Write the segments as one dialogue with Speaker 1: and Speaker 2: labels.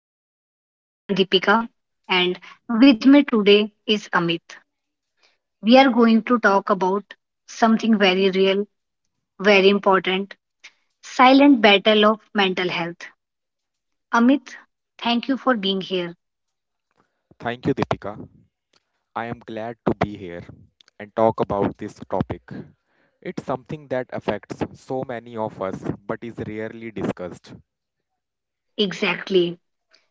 Speaker 1: Episode. I am Deepika, and with me today is Amit. We are going to talk about something very real, very important silent battle of mental health. Amit, thank you for being here.
Speaker 2: Thank you, Deepika. I am glad to be here and talk about this topic. It's something that affects so many of us but is rarely discussed.
Speaker 1: Exactly.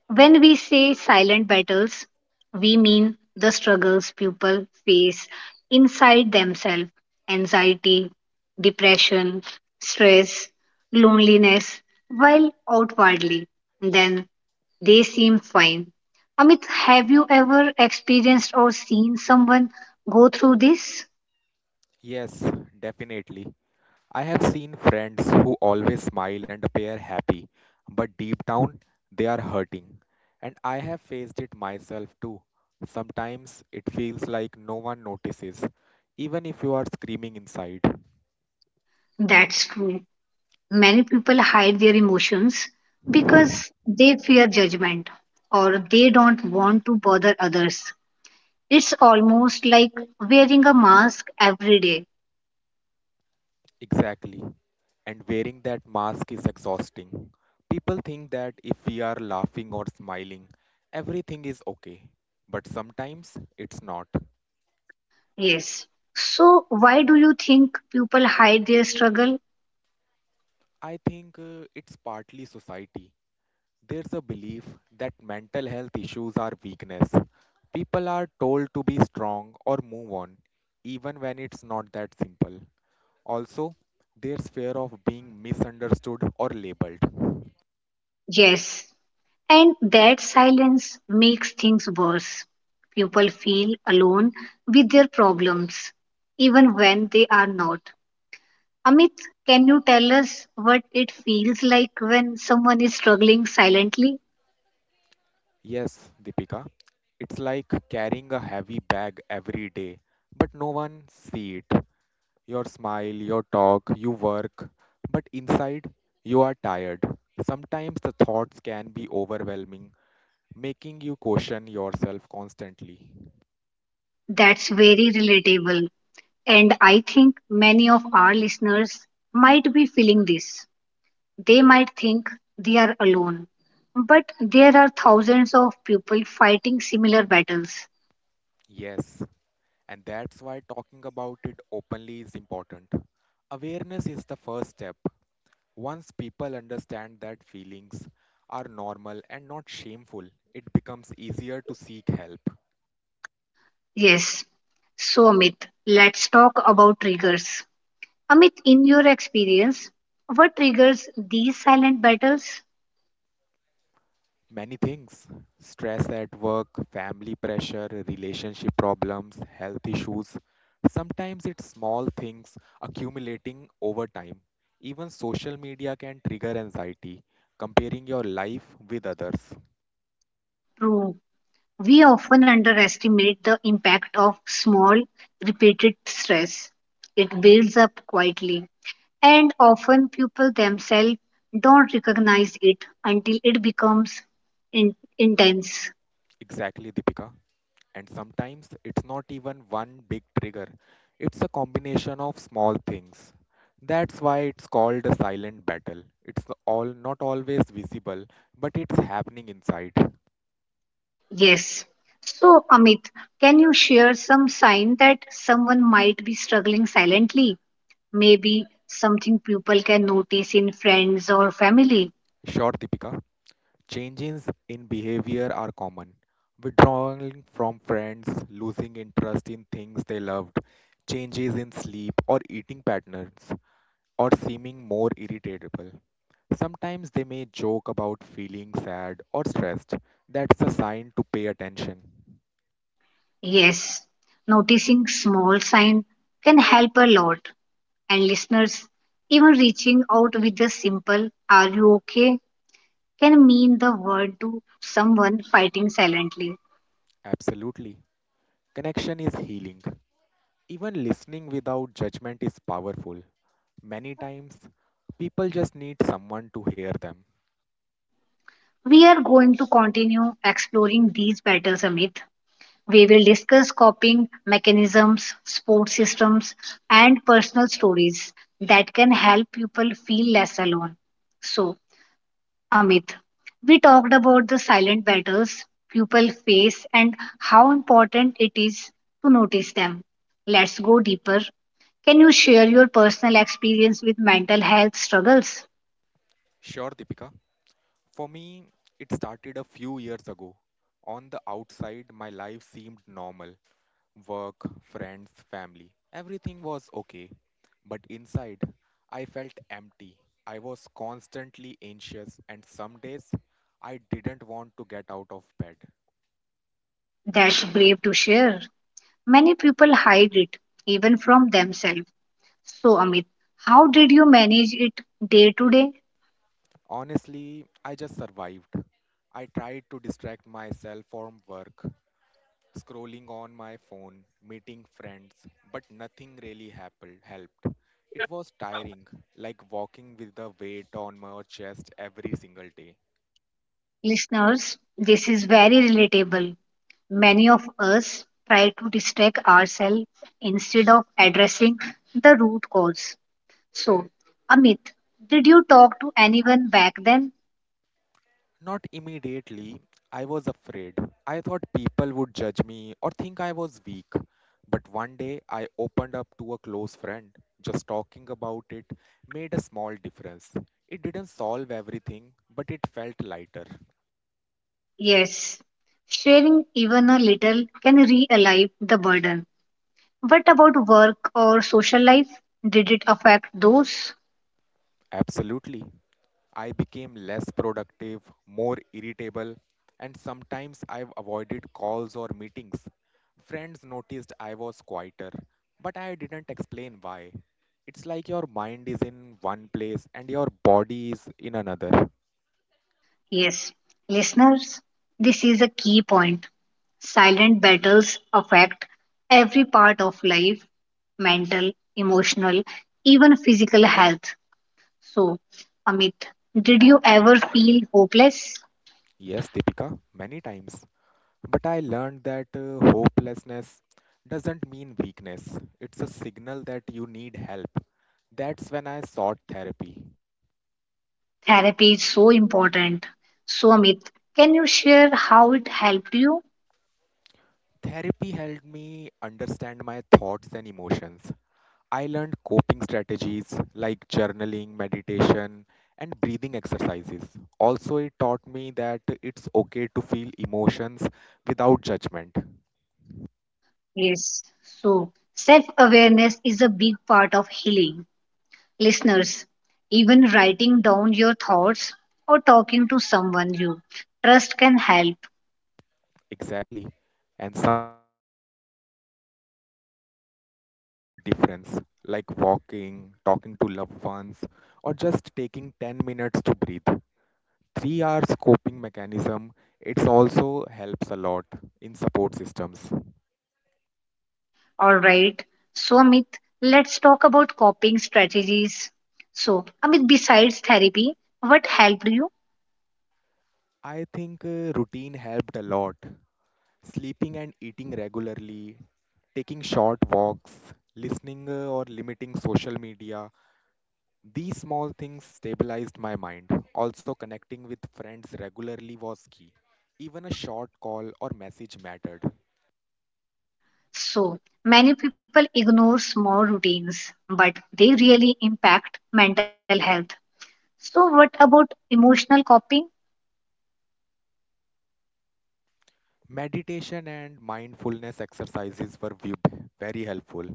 Speaker 1: When we say silent battles, we mean the struggles people face inside themselves anxiety, depression, stress, loneliness, while outwardly, then they seem fine. Amit, have you ever experienced or seen someone go through this?
Speaker 2: Yes, definitely. I have seen friends who always smile and appear happy, but deep down they are hurting. And I have faced it myself too. Sometimes it feels like no one notices, even if you are screaming inside.
Speaker 1: That's true. Many people hide their emotions because they fear judgment or they don't want to bother others. It's almost like wearing a mask every day.
Speaker 2: Exactly. And wearing that mask is exhausting. People think that if we are laughing or smiling, everything is okay. But sometimes it's not.
Speaker 1: Yes. So, why do you think people hide their struggle?
Speaker 2: I think it's partly society. There's a belief that mental health issues are weakness. People are told to be strong or move on, even when it's not that simple. Also, there's fear of being misunderstood or labeled.
Speaker 1: Yes. And that silence makes things worse. People feel alone with their problems, even when they are not. Amit, can you tell us what it feels like when someone is struggling silently?
Speaker 2: Yes, Deepika. It's like carrying a heavy bag every day, but no one see it. Your smile, your talk, you work, but inside you are tired. Sometimes the thoughts can be overwhelming, making you question yourself constantly.
Speaker 1: That's very relatable. And I think many of our listeners might be feeling this. They might think they are alone, but there are thousands of people fighting similar battles.
Speaker 2: Yes, and that's why talking about it openly is important. Awareness is the first step. Once people understand that feelings are normal and not shameful, it becomes easier to seek help.
Speaker 1: Yes. So, Amit, let's talk about triggers. Amit, in your experience, what triggers these silent battles?
Speaker 2: Many things stress at work, family pressure, relationship problems, health issues. Sometimes it's small things accumulating over time. Even social media can trigger anxiety, comparing your life with others.
Speaker 1: True. We often underestimate the impact of small, repeated stress. It builds up quietly, and often people themselves don't recognize it until it becomes intense.
Speaker 2: Exactly, Deepika. And sometimes it's not even one big trigger, it's a combination of small things. That's why it's called a silent battle. It's all not always visible, but it's happening inside.
Speaker 1: Yes. So, Amit, can you share some sign that someone might be struggling silently? Maybe something people can notice in friends or family?
Speaker 2: Sure, Deepika. Changes in behavior are common. Withdrawing from friends, losing interest in things they loved, changes in sleep or eating patterns, or seeming more irritable. Sometimes they may joke about feeling sad or stressed. That's a sign to pay attention.
Speaker 1: Yes. Noticing small sign can help a lot. And listeners, even reaching out with a simple "Are you okay?" can mean the world to someone fighting silently.
Speaker 2: Absolutely. Connection is healing. Even listening without judgment is powerful. Many times, people just need someone to hear them.
Speaker 1: We are going to continue exploring these battles, Amit. We will discuss coping mechanisms, support systems, and personal stories that can help people feel less alone. So, Amit, we talked about the silent battles people face and how important it is to notice them. Let's go deeper. Can you share your personal experience with mental health struggles?
Speaker 2: Sure, Deepika. For me, it started a few years ago. On the outside, my life seemed normal work, friends, family. Everything was okay. But inside, I felt empty. I was constantly anxious, and some days, I didn't want to get out of bed.
Speaker 1: That's brave to share. Many people hide it, even from themselves. So, Amit, how did you manage it day to day?
Speaker 2: Honestly, I just survived. I tried to distract myself from work, scrolling on my phone, meeting friends, but nothing really happened, helped. It was tiring, like walking with the weight on my chest every single day.
Speaker 1: Listeners, this is very relatable. Many of us try to distract ourselves instead of addressing the root cause. So, Amit, did you talk to anyone back then?
Speaker 2: Not immediately, I was afraid. I thought people would judge me or think I was weak. But one day, I opened up to a close friend. Just talking about it made a small difference. It didn't solve everything, but it felt lighter.
Speaker 1: Yes. Sharing even a little can re-alive the burden. What about work or social life? Did it affect those?
Speaker 2: Absolutely. I became less productive, more irritable, and sometimes I've avoided calls or meetings. Friends noticed I was quieter, but I didn't explain why. It's like your mind is in one place and your body is in another.
Speaker 1: Yes, listeners, this is a key point. Silent battles affect every part of life mental, emotional, even physical health. So, Amit, did you ever feel hopeless?
Speaker 2: Yes, Deepika, many times. But I learned that hopelessness doesn't mean weakness, it's a signal that you need help. That's when I sought therapy.
Speaker 1: Therapy is so important. So, Amit, can you share how it helped you?
Speaker 2: Therapy helped me understand my thoughts and emotions. I learned coping strategies like journaling, meditation, and breathing exercises. Also, it taught me that it's okay to feel emotions without judgment.
Speaker 1: Yes. So, self awareness is a big part of healing. Listeners, even writing down your thoughts or talking to someone you trust can help.
Speaker 2: Exactly. And sometimes small daily habits make a huge difference, like walking, talking to loved ones, or just taking 10 minutes to breathe. 3 hours coping mechanism it's also helps a lot in support systems.
Speaker 1: All right. So, Amit, let's talk about coping strategies. So, Amit, besides therapy, what helped you?
Speaker 2: I think routine helped a lot, sleeping and eating regularly, taking short walks, listening or limiting social media. These small things stabilized my mind. Also connecting with friends regularly was key, even a short call or message mattered.
Speaker 1: So, many people ignore small routines, but they really impact mental health. So, what about emotional coping?
Speaker 2: Meditation and mindfulness exercises were very helpful.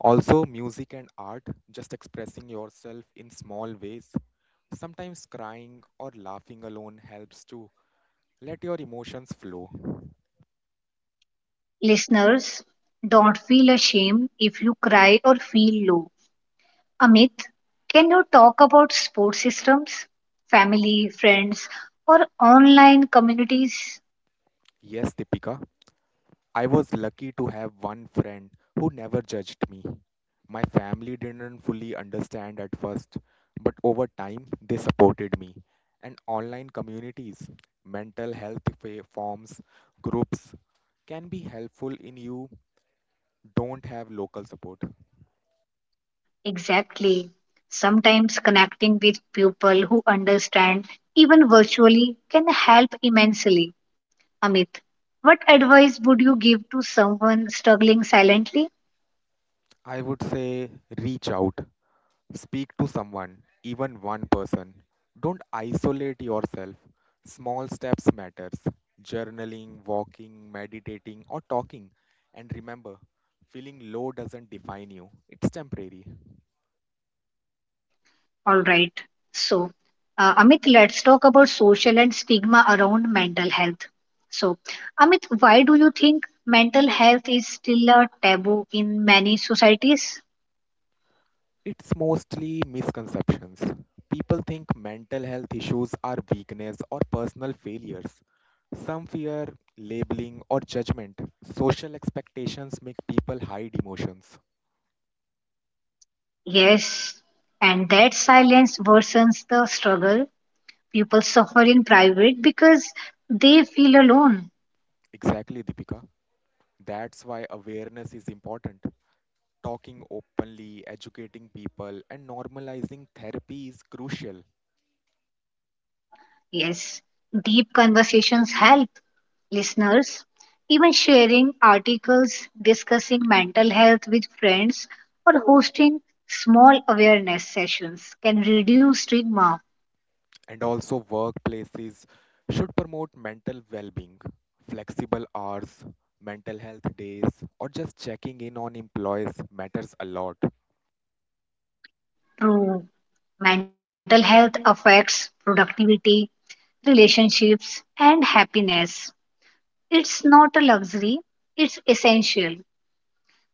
Speaker 2: Also, music and art, just expressing yourself in small ways, sometimes crying or laughing alone helps to let your emotions flow.
Speaker 1: Listeners, don't feel ashamed if you cry or feel low. Amit, can you talk about support systems, family, friends, or online communities?
Speaker 2: Yes, Deepika, I was lucky to have one friend who never judged me. My family didn't fully understand at first, but over time they supported me. And online communities, mental health forums, groups can be helpful in you don't have local support.
Speaker 1: Exactly. Sometimes connecting with people who understand, even virtually, can help immensely. Amit, what advice would you give to someone struggling silently?
Speaker 2: I would say reach out, speak to someone, even one person. Don't isolate yourself. Small steps matters. Journaling, walking, meditating or talking. And remember, feeling low doesn't define you. It's temporary.
Speaker 1: All right. So, Amit, let's talk about social and stigma around mental health. So, Amit, why do you think mental health is still a taboo in many societies?
Speaker 2: It's mostly misconceptions. People think mental health issues are weakness or personal failures. Some fear labeling or judgment. Social expectations make people hide emotions.
Speaker 1: Yes, and that silence worsens the struggle. People suffer in private because they feel alone.
Speaker 2: Exactly, Deepika. That's why awareness is important. Talking openly, educating people, and normalizing therapy is crucial.
Speaker 1: Yes, deep conversations help listeners. Even sharing articles, discussing mental health with friends, or hosting small awareness sessions can reduce stigma
Speaker 2: And also, workplaces should promote mental well being, flexible hours, mental health days, or just checking in on employees matters a lot.
Speaker 1: through mental health affects productivity, relationships, and happiness. It's not a luxury, it's essential.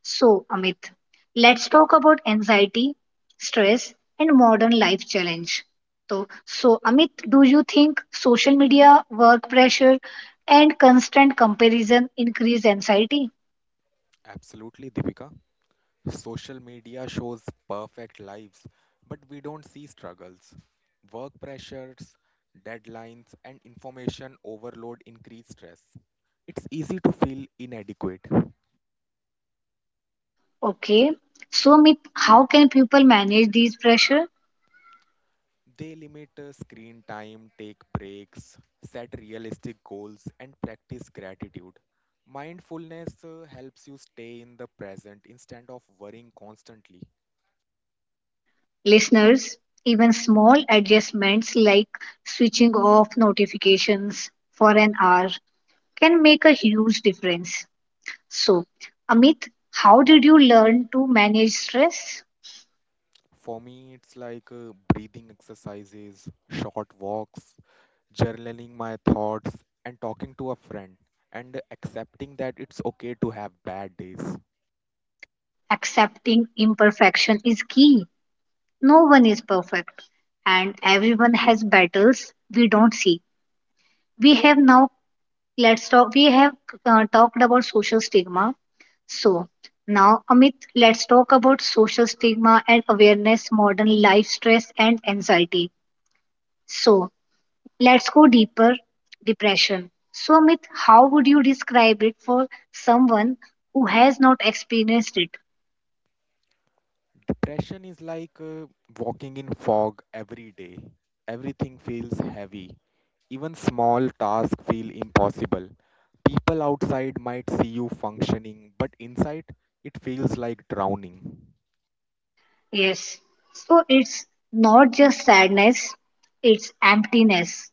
Speaker 1: So, Amit, let's talk about anxiety, stress, and modern life challenge. So, Amit, do you think social media, work pressure, and constant comparison increase anxiety?
Speaker 2: Absolutely, Deepika. Social media shows perfect lives, but we don't see struggles. Work pressures, deadlines, and information overload increase stress. It's easy to feel inadequate.
Speaker 1: Okay. So, Amit, how can people manage these pressure?
Speaker 2: They limit screen time, take breaks, set realistic goals, and practice gratitude. Mindfulness helps you stay in the present instead of worrying constantly.
Speaker 1: Listeners, even small adjustments like switching off notifications for an hour can make a huge difference. So, Amit, how did you learn to manage stress?
Speaker 2: For me, it's like breathing exercises, short walks, journaling my thoughts, and talking to a friend, and accepting that it's okay to have bad days.
Speaker 1: Accepting imperfection is key. No one is perfect, and everyone has battles we don't see. We have now let's talk. We have Talked about social stigma. So, now Amit, let's talk about social stigma and awareness, modern life stress, and anxiety. So, let's go deeper depression. So, Amit, how would you describe it for someone who has not experienced it?
Speaker 2: Depression is like walking in fog every day. Everything feels heavy. Even small tasks feel impossible. People outside might see you functioning, but inside it feels like drowning.
Speaker 1: Yes. So, it's not just sadness, it's emptiness,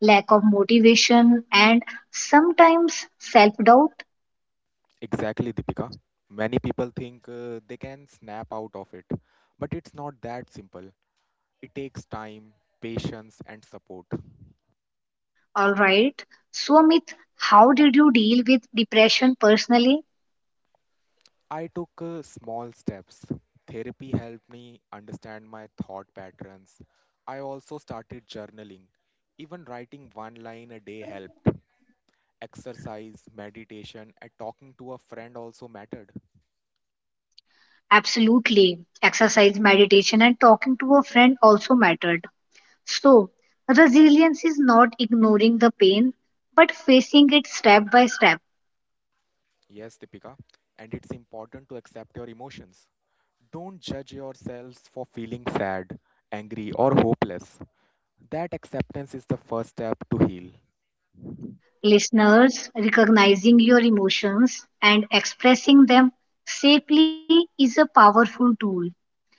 Speaker 1: lack of motivation, and sometimes self doubt.
Speaker 2: Exactly, Deepika. Many people think they can snap out of it, but it's not that simple. It takes time, patience, and support.
Speaker 1: All right. So, Amit, how did you deal with depression personally?
Speaker 2: I took small steps. Therapy helped me understand my thought patterns. I also started journaling. Even writing one line a day helped. Exercise, meditation, and talking to a friend also mattered.
Speaker 1: Absolutely. Exercise, meditation, and talking to a friend also mattered. So, resilience is not ignoring the pain, but facing it step by step.
Speaker 2: Yes, Deepika, and it's important to accept your emotions. Don't judge yourselves for feeling sad, angry, or hopeless. That acceptance is the first step to heal.
Speaker 1: Listeners, recognizing your emotions and expressing them safely is a powerful tool.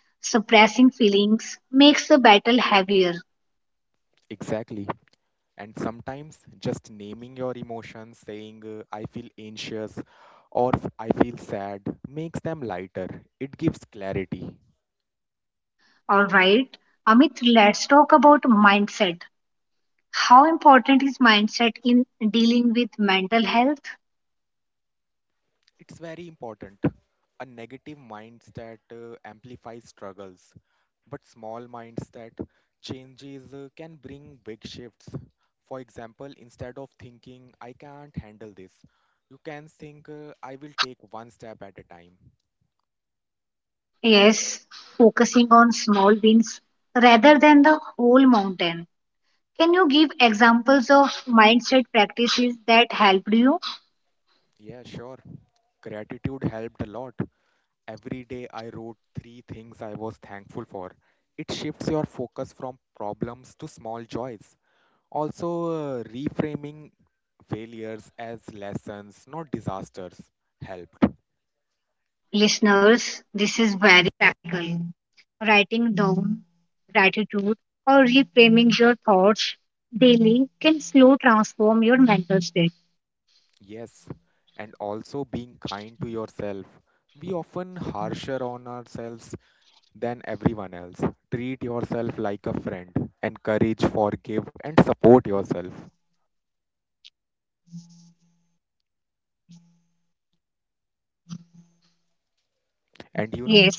Speaker 1: Suppressing feelings makes the battle heavier.
Speaker 2: Exactly. And sometimes just naming your emotions, saying, "I feel anxious" or I feel sad," makes them lighter. It gives clarity.
Speaker 1: Alright, Amit, let's talk about mindset. How important is mindset in dealing with mental health?
Speaker 2: It's very important. A negative mindset amplifies struggles, but small mindset changes can bring big shifts. For example, instead of thinking, "I can't handle this," you can think, "I will take one step at a time."
Speaker 1: Yes, focusing on small wins rather than the whole mountain. Can you give examples of mindset practices that helped you?
Speaker 2: Yeah, sure. Gratitude helped a lot. Every day I wrote three things I was thankful for. It shifts your focus from problems to small joys. Also, reframing failures as lessons, not disasters, helped.
Speaker 1: Listeners, this is
Speaker 2: Yes, and also being kind to yourself. We often harsher on ourselves than everyone else. Treat yourself like a friend. Encourage, forgive, and support yourself. And you know,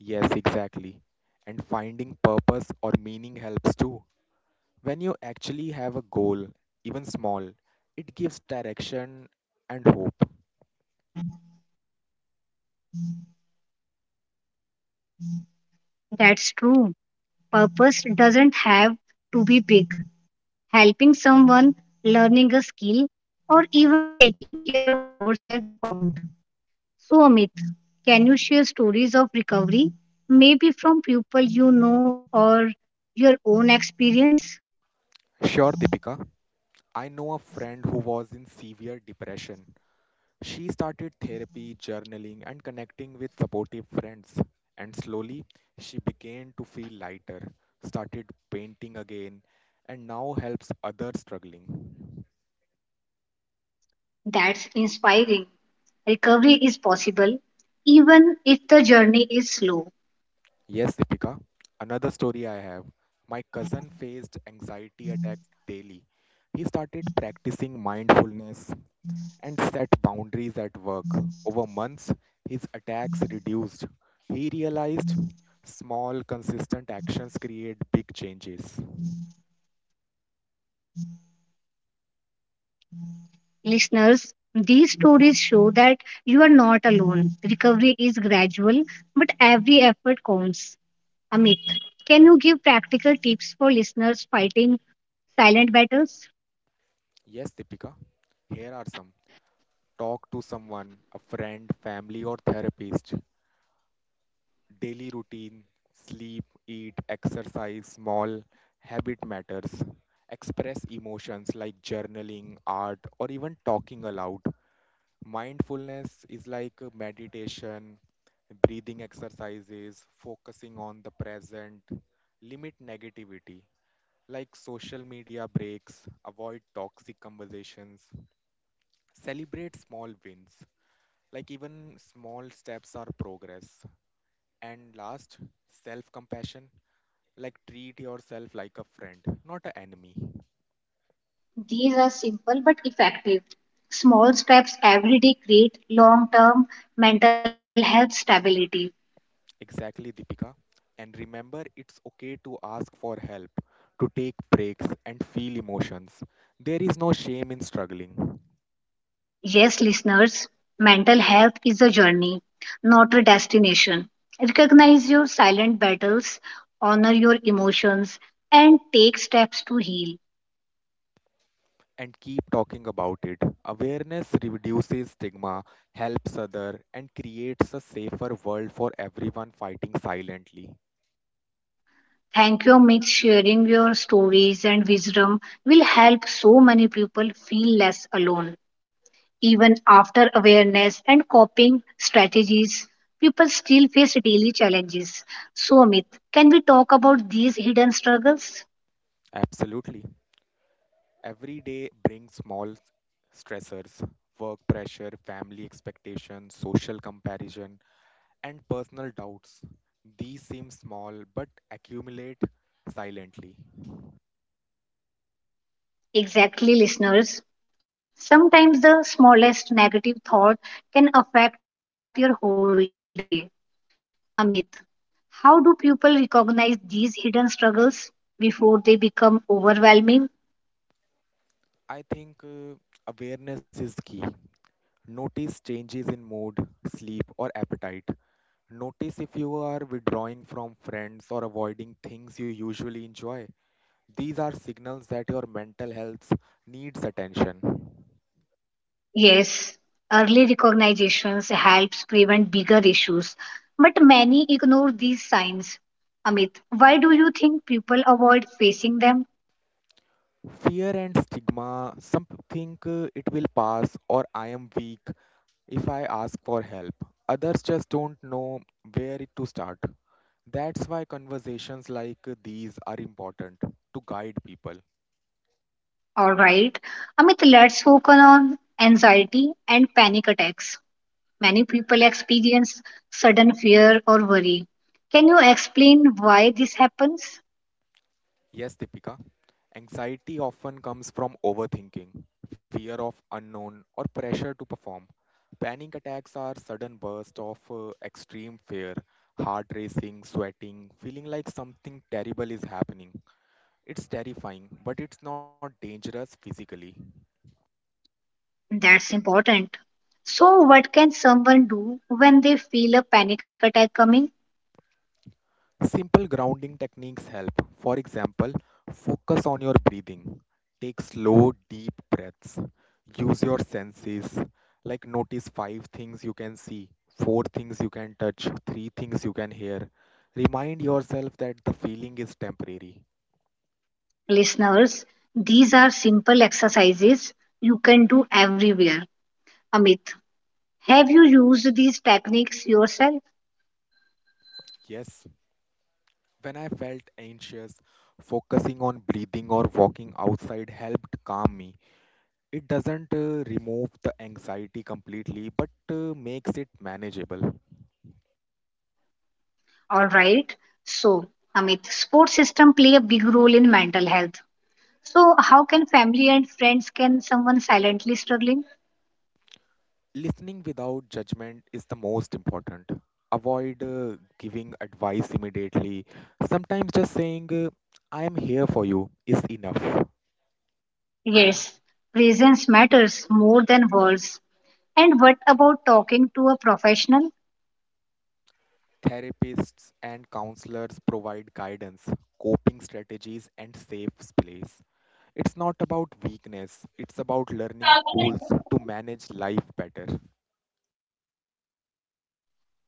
Speaker 2: yes, exactly. And finding purpose or meaning helps too. When you actually have a goal, even small, it gives direction and hope. Sure, Deepika. I know a friend who was in severe depression. She started therapy, journaling, and connecting with supportive friends. And slowly, she began to feel lighter, started painting again, and now helps others struggling.
Speaker 1: That's inspiring. Recovery is possible even if the journey is slow.
Speaker 2: Yes, Deepika. Another story I have. My cousin faced anxiety attacks daily. He started practicing mindfulness and set boundaries at work. Over months, his attacks reduced. He realized small, consistent actions create big changes. Yes, Deepika. Here are some. Talk to someone, a friend, family, or therapist. Daily routine, sleep, eat, exercise, small habit matters. Express emotions like journaling, art, or even talking aloud. Mindfulness is like meditation, breathing exercises, focusing on the present, limit negativity like social media breaks, avoid toxic conversations, celebrate small wins. Like even small steps are progress. And last, self compassion. Like treat yourself like a friend, not an enemy.
Speaker 1: These are simple but effective. Small steps every day create long term mental health stability.
Speaker 2: Exactly, Deepika. And remember, it's okay to ask for help, to take breaks, and feel emotions. There is no shame in struggling.
Speaker 1: Yes, listeners, mental health is a journey, not a destination. Recognize your silent battles, honor your emotions, and take steps to heal.
Speaker 2: And keep talking about it. Awareness reduces stigma, helps other, and creates a safer world for everyone fighting silently.
Speaker 1: Thank you, Amit. Sharing your stories and wisdom will help so many people feel less alone. Even after awareness and coping strategies, people still face daily challenges. So, Amit, can we talk about these hidden struggles?
Speaker 2: Absolutely. Every day brings small stressors work pressure, family expectations, social comparison, and personal doubts. These seem small but accumulate silently.
Speaker 1: Exactly, listeners. Sometimes the smallest negative thought can affect your whole day. Amit, how do people recognize these hidden struggles before they become overwhelming?
Speaker 2: I think awareness is key. Notice changes in mood, sleep, or appetite. Notice if you are withdrawing from friends or avoiding things you usually enjoy. These are signals that your mental health needs attention.
Speaker 1: Yes, early recognitions helps prevent bigger issues, but many ignore these signs. Amit, why do you think people avoid facing them?
Speaker 2: Fear and stigma, some think it will pass or "I am weak, if I ask for help," others just don't know where it to start. That's why conversations like these are important to guide people.
Speaker 1: All right. Amit, let's focus on anxiety and panic attacks. Many people experience sudden fear or worry. Can you explain why this happens?
Speaker 2: Yes, Deepika, anxiety often comes from overthinking, fear of unknown, or pressure to perform. Panic attacks are sudden bursts of extreme fear, heart racing, sweating, feeling like something terrible is happening. It's terrifying, but it's not dangerous physically.
Speaker 1: That's important. So, what can someone do when they feel a panic attack coming?
Speaker 2: Simple grounding techniques help. For example, focus on your breathing. Take slow, deep breaths. Use your senses. Like notice five things you can see, four things you can touch, three things you can hear. Remind yourself that the feeling is temporary.
Speaker 1: Listeners, these are simple exercises you can do everywhere. Amit, have you used these techniques yourself?
Speaker 2: Yes, when I felt anxious, focusing on breathing or walking outside helped calm me. It doesn't remove the anxiety completely, but makes it manageable.
Speaker 1: All right. So, Amit, sports system play a big role in mental health. So, how can family and friends can someone silently struggling?
Speaker 2: Listening without judgment is the most important. Avoid giving advice immediately. Sometimes just saying, "I am here for you," is enough.
Speaker 1: Yes, presence matters more than words. And what about talking to a professional?
Speaker 2: Therapists and counselors provide guidance, coping strategies, and safe space. It's not about weakness, it's about learning tools to manage life better.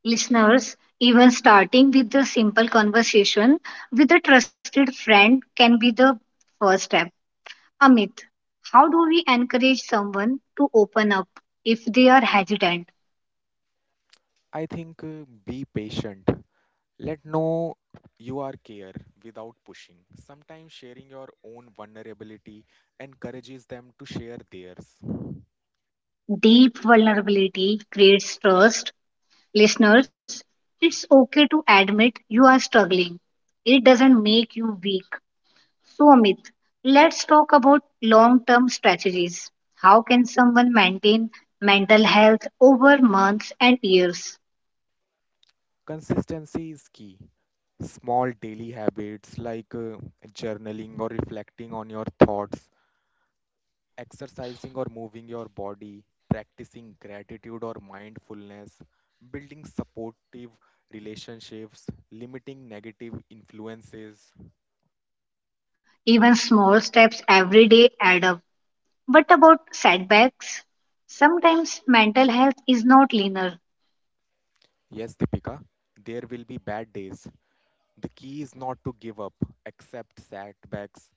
Speaker 1: Listeners, even starting with the simple conversation with a trusted friend can be the first step. Amit, how do we encourage someone to open up if they are hesitant?
Speaker 2: I think be patient. Let know you are care without pushing. Sometimes sharing your own vulnerability encourages them to share theirs.
Speaker 1: Deep vulnerability creates trust. Listeners, it's okay to admit you are struggling. It doesn't make you weak. So, Amit, let's talk about long term strategies. How can someone maintain mental health over months and years?
Speaker 2: Consistency is key. Small daily habits like journaling or reflecting on your thoughts, exercising or moving your body, practicing gratitude or mindfulness, building supportive relationships, limiting negative influences.
Speaker 1: Even small steps every day add up. But about setbacks, sometimes mental health is not linear.
Speaker 2: Yes, Deepika, there will be bad days. The key is not to give up, accept setbacks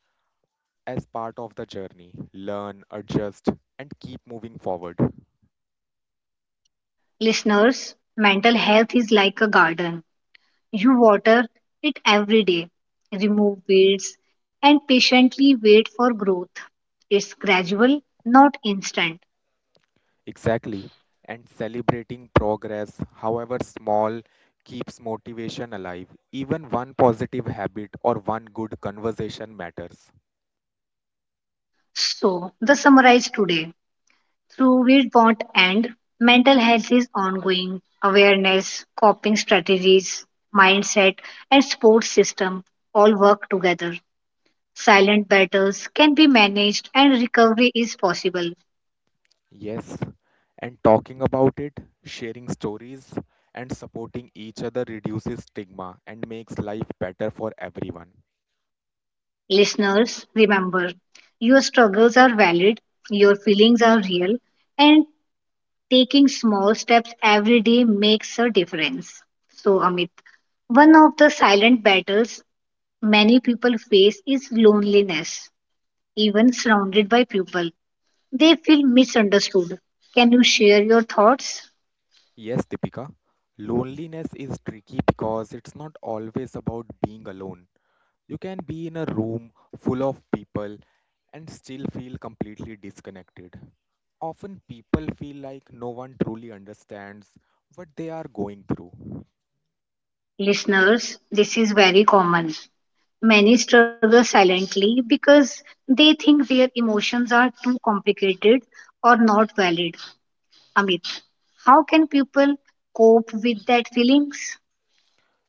Speaker 2: as part of the journey, learn, adjust, and keep moving forward.
Speaker 1: Listeners, mental health is like a garden. You water it every day, remove weeds, and patiently wait for growth. It's gradual, not instant.
Speaker 2: Exactly. And celebrating progress, however small, keeps motivation alive. Even one positive habit or one good conversation matters.
Speaker 1: So, the summarize today. Through Weirdbot and mental health is ongoing awareness, coping strategies, mindset, and support system all work together. Silent battles can be managed and recovery is possible.
Speaker 2: Yes. And talking about it, sharing stories, and supporting each other reduces stigma and makes life better for everyone.
Speaker 1: Listeners, remember your struggles are valid, your feelings are real, and taking small steps every day makes a difference. So, Amit, one of the silent battles many people face is loneliness even surrounded by people. They feel misunderstood. Can you share your thoughts?
Speaker 2: Yes, Deepika, loneliness is tricky because it's not always about being alone. You can be in a room full of people and still feel completely disconnected. Often people feel like no one truly understands what they are going through.
Speaker 1: Listeners, this is very common. Many struggle silently because they think their emotions are too complicated or not valid. Amit, how can people cope with that feelings?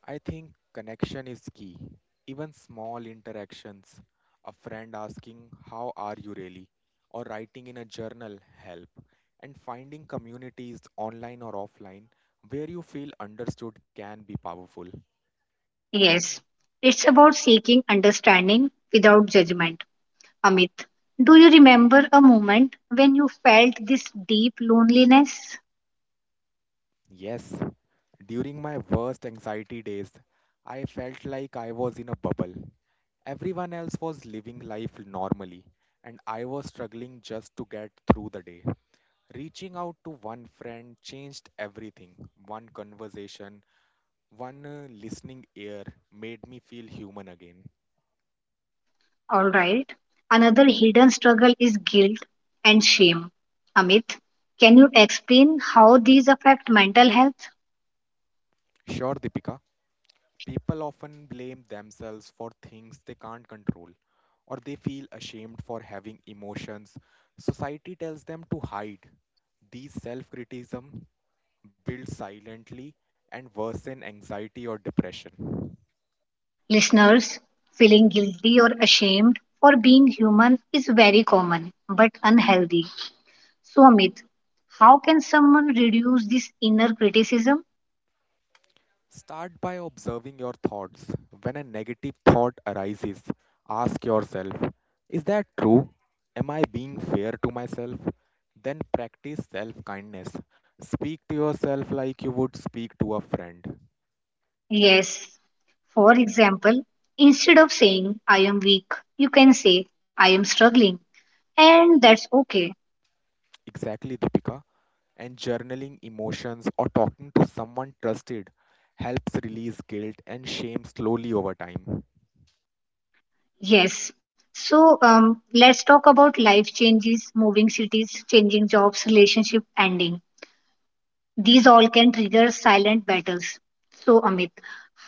Speaker 2: I think connection is key. Even small interactions, a friend asking, "How are you really?" or writing in a journal help. And finding communities online or offline where you feel understood can be powerful.
Speaker 1: Yes, it's about seeking understanding without judgment. Amit, do you remember a moment when you felt this deep loneliness?
Speaker 2: Yes, during my worst anxiety days, I felt like I was in a bubble. Everyone else was living life normally, and I was struggling just to get through the day. Reaching out to one friend changed everything. One conversation, one listening ear made me feel human again.
Speaker 1: All right. Another hidden struggle is guilt and shame. Amit, can you explain how these affect mental health?
Speaker 2: Sure, Deepika, people often blame themselves for things they can't control, or they feel ashamed for having emotions. Society tells them to hide. These self criticism builds silently and worsen anxiety or depression.
Speaker 1: Listeners, feeling guilty or ashamed for being human is very common but unhealthy. So, Amit, how can someone reduce this inner criticism?
Speaker 2: Start by observing your thoughts. When a negative thought arises, ask yourself, "Is that true? Am I being fair to myself?" Then practice self kindness. Speak to yourself like you would speak to a friend.
Speaker 1: Yes. For example, instead of saying, I am weak, you can say, I am struggling. And that's okay.
Speaker 2: Exactly, Deepika. And journaling emotions or talking to someone trusted helps release guilt and shame slowly over time.
Speaker 1: Yes. So, let's talk about life changes, moving cities, changing jobs, relationship ending. These all can trigger silent battles. So, Amit,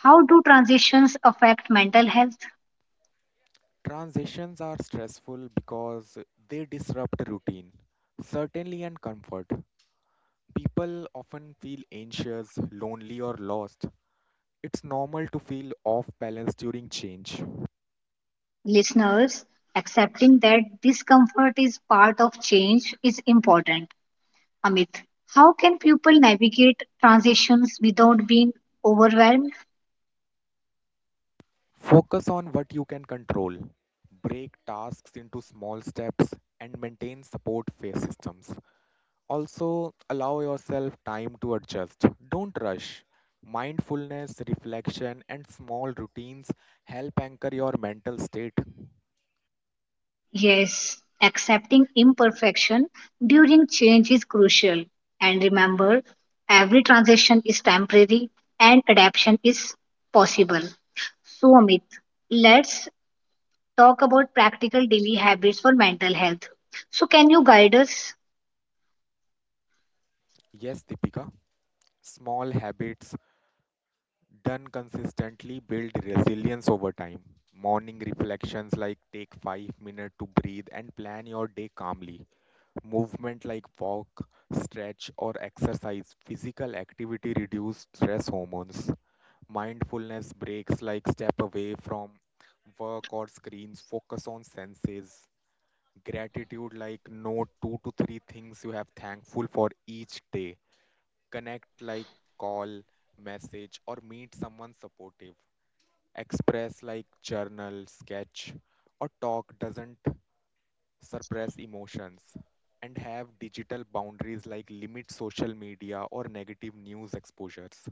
Speaker 1: how do transitions affect mental health?
Speaker 2: Transitions are stressful because they disrupt routine, certainty, and comfort. People often feel anxious, lonely, or lost. It's normal to feel off balance during change.
Speaker 1: Listeners, accepting that discomfort is part of change is important. Amit, how can people navigate transitions without being overwhelmed?
Speaker 2: Focus on what you can control. Break tasks into small steps and maintain support phase systems. Also, allow yourself time to adjust. Don't rush. Mindfulness, reflection, and small routines help anchor your mental state.
Speaker 1: Yes, accepting imperfection during change is crucial. And remember, every transition is temporary and adaptation is possible. So, Amit, let's talk about practical daily habits for mental health. So, can you guide us?
Speaker 2: Yes, Deepika. Small habits done consistently build resilience over time. Morning reflections like take 5 minutes to breathe and plan your day calmly. Movement like walk, stretch or exercise. Physical activity reduce stress hormones. Mindfulness breaks like step away from work or screens. Focus on senses. Gratitude like note 2 to 3 things you have thankful for each day. Connect like call, message or meet someone supportive. Express like journal, sketch, or talk doesn't suppress emotions, and have digital boundaries like limit social media or negative news exposures.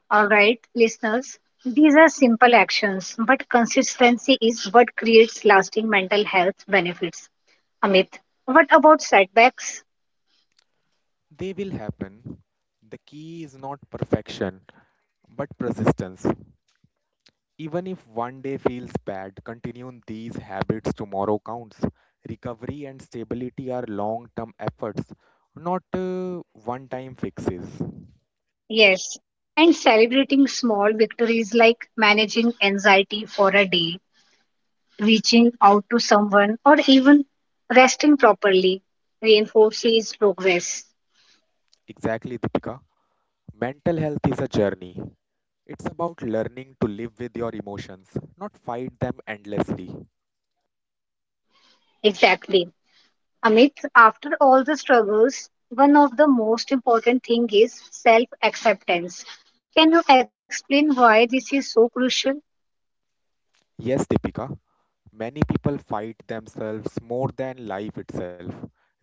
Speaker 1: All right, listeners, these are simple actions, but consistency is what creates lasting mental health benefits. Amit, what about setbacks?
Speaker 2: They will happen. The key is not perfection but persistence. Even if one day feels bad, continuing these habits tomorrow counts. Recovery and stability are long term efforts, not one time fixes.
Speaker 1: Yes, and celebrating small victories like managing anxiety for a day, reaching out to someone, or even resting properly reinforces progress.
Speaker 2: Exactly, Deepika. Mental health is a journey. It's about learning to live with your emotions, not fight them endlessly.
Speaker 1: Exactly. Amit, after all the struggles, one of the most important thing is self-acceptance. Can you explain why this is so crucial?
Speaker 2: Yes, Deepika, many people fight themselves more than life itself.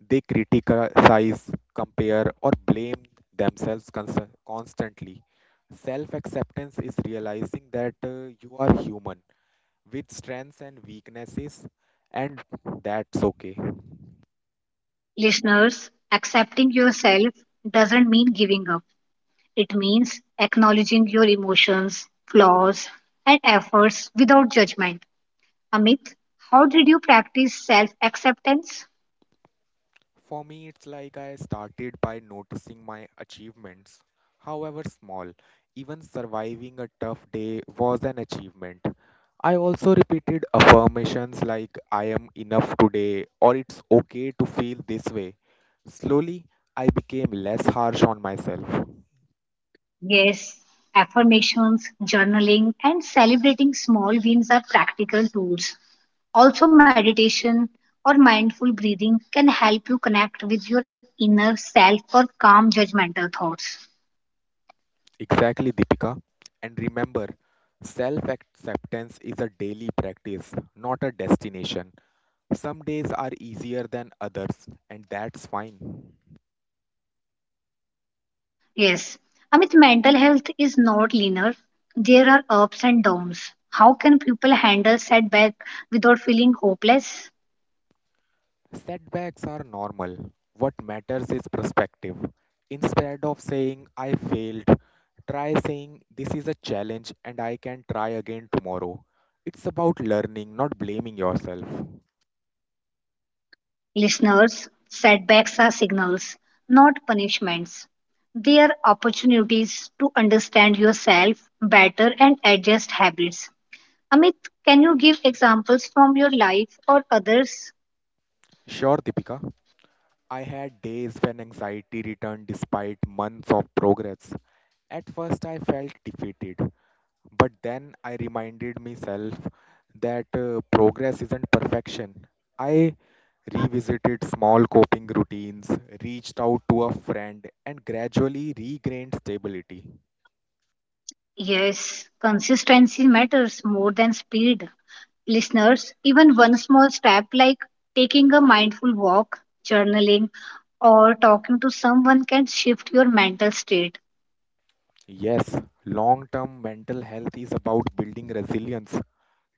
Speaker 2: They criticize, compare, or blame themselves constantly. Self acceptance is realizing that you are human with strengths and weaknesses, and that's okay.
Speaker 1: Listeners, accepting yourself doesn't mean giving up. It means acknowledging your emotions, flaws, and efforts without judgment. Amit, how did you practice self acceptance?
Speaker 2: For me, it's like I started by noticing my achievements, however small. Even surviving a tough day was an achievement. I also repeated affirmations like "I am enough today" or "it's okay to feel this way." Slowly, I became less harsh on myself.
Speaker 1: Yes, affirmations, journaling, and celebrating small wins are practical tools. Also, meditation or mindful breathing can help you connect with your inner self or calm judgmental thoughts.
Speaker 2: Exactly, Deepika. And remember, self acceptance is a daily practice, not a destination. Some days are easier than others, and that's fine.
Speaker 1: Yes, Amit, mental health is not linear. There are ups and downs. How can people handle setback without feeling hopeless?
Speaker 2: Setbacks are normal. What matters is perspective. Instead of saying, "I failed," try saying, "This is a challenge and I can try again tomorrow." It's about learning, not blaming yourself.
Speaker 1: Listeners, setbacks are signals, not punishments. They are opportunities to understand yourself better and adjust habits. Amit, can you give examples from your life or others?
Speaker 2: Sure, Deepika. I had days when anxiety returned despite months of progress. At first, I felt defeated, but then I reminded myself that progress isn't perfection. I revisited small coping routines, reached out to a friend, and gradually regained stability.
Speaker 1: Yes, consistency matters more than speed. Listeners, even one small step like taking a mindful walk, journaling, or talking to someone can shift your mental state.
Speaker 2: Yes, long term mental health is about building resilience.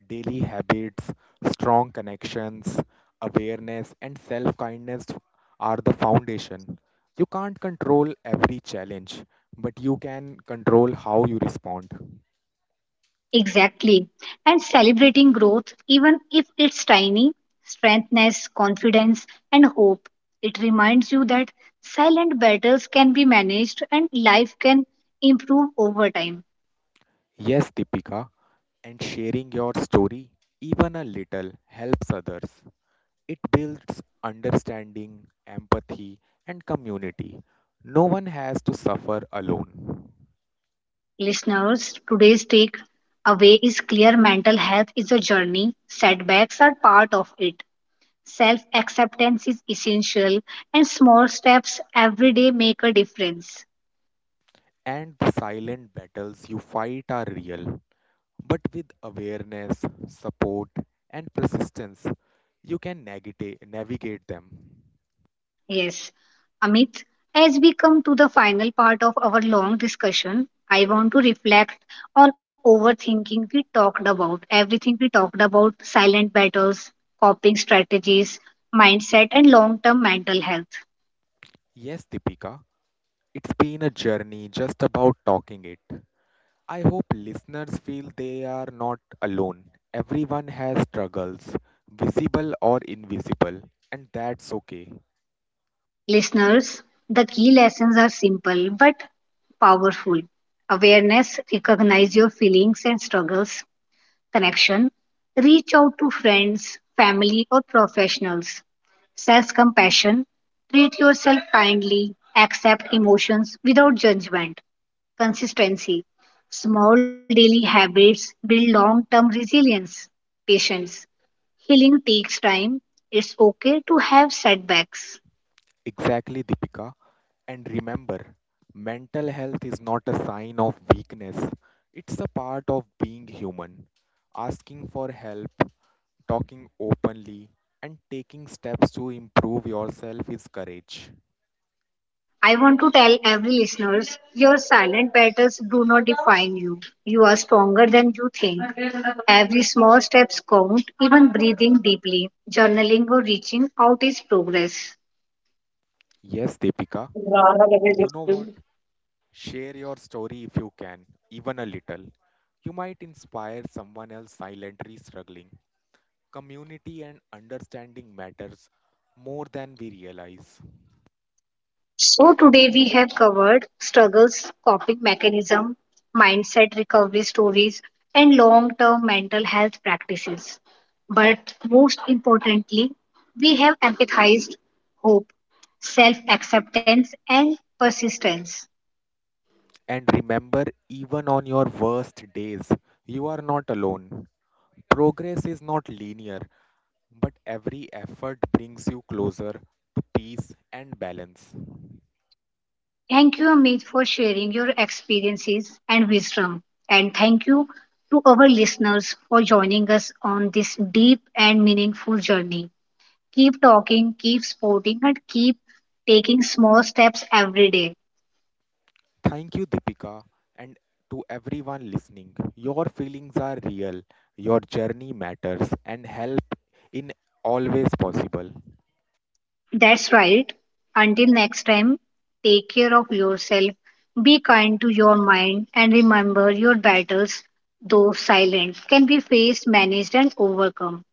Speaker 2: Daily habits, strong connections, awareness, and self kindness are the foundation. You can't control every challenge, but you can control how you respond.
Speaker 1: Exactly. And celebrating growth, even if it's tiny, strengthens confidence and hope. It reminds you that silent battles can be managed and life can improve over time.
Speaker 2: Yes, Deepika, and sharing your story even a little helps others. It builds understanding, empathy, and community. No one has to suffer alone.
Speaker 1: Listeners, today's take away is clear mental health is a journey, setbacks are part of it. Self acceptance is essential, and small steps every day make a difference.
Speaker 2: And the silent battles you fight are real, but with awareness, support, and persistence, you can navigate them.
Speaker 1: Yes. Amit, as we come to the final part of our long discussion, I want to reflect on overthinking we talked about, everything we talked about silent battles, coping strategies, mindset, and long term mental health.
Speaker 2: Yes, Deepika, it's been a journey just about talking it. I hope listeners feel they are not alone. Everyone has struggles, visible or invisible, and that's okay.
Speaker 1: Listeners, the key lessons are simple but powerful. Awareness, recognize your feelings and struggles, connection, reach out to friends, family, or professionals. Self compassion, treat yourself kindly, accept emotions without judgment. Consistency, small daily habits build long term resilience. Patience, healing takes time. It's okay to have setbacks.
Speaker 2: Exactly, Deepika. And remember, mental health is not a sign of weakness, it's a part of being human. Asking for help, talking openly, and taking steps to improve yourself is courage.
Speaker 1: I want to tell every listeners your silent battles do not define you. You are stronger than you think. Every small steps count, even breathing deeply, journaling or reaching out is progress.
Speaker 2: Yes, Deepika. And you know what? Share your story if you can, even a little. You might inspire someone else silently struggling. Community and understanding matters more than we realize.
Speaker 1: So today we have covered struggles, coping mechanism, mindset recovery stories and long-term mental health practices. But most importantly, we have empathized hope, self-acceptance and persistence.
Speaker 2: And remember, even on your worst days, you are not alone. Progress is not linear, but every effort brings you closer to peace and balance.
Speaker 1: Thank you Amit for sharing your experiences and wisdom and thank you to our listeners for joining us on this deep and meaningful journey. Keep talking, keep sporting, and keep taking small steps every day.
Speaker 2: Thank you, Deepika, and to everyone listening. Your feelings are real, your journey matters, and help in always possible.
Speaker 1: That's right. Until next time, take care of yourself, be kind to your mind, and remember your battles, though silent, can be faced, managed, and overcome.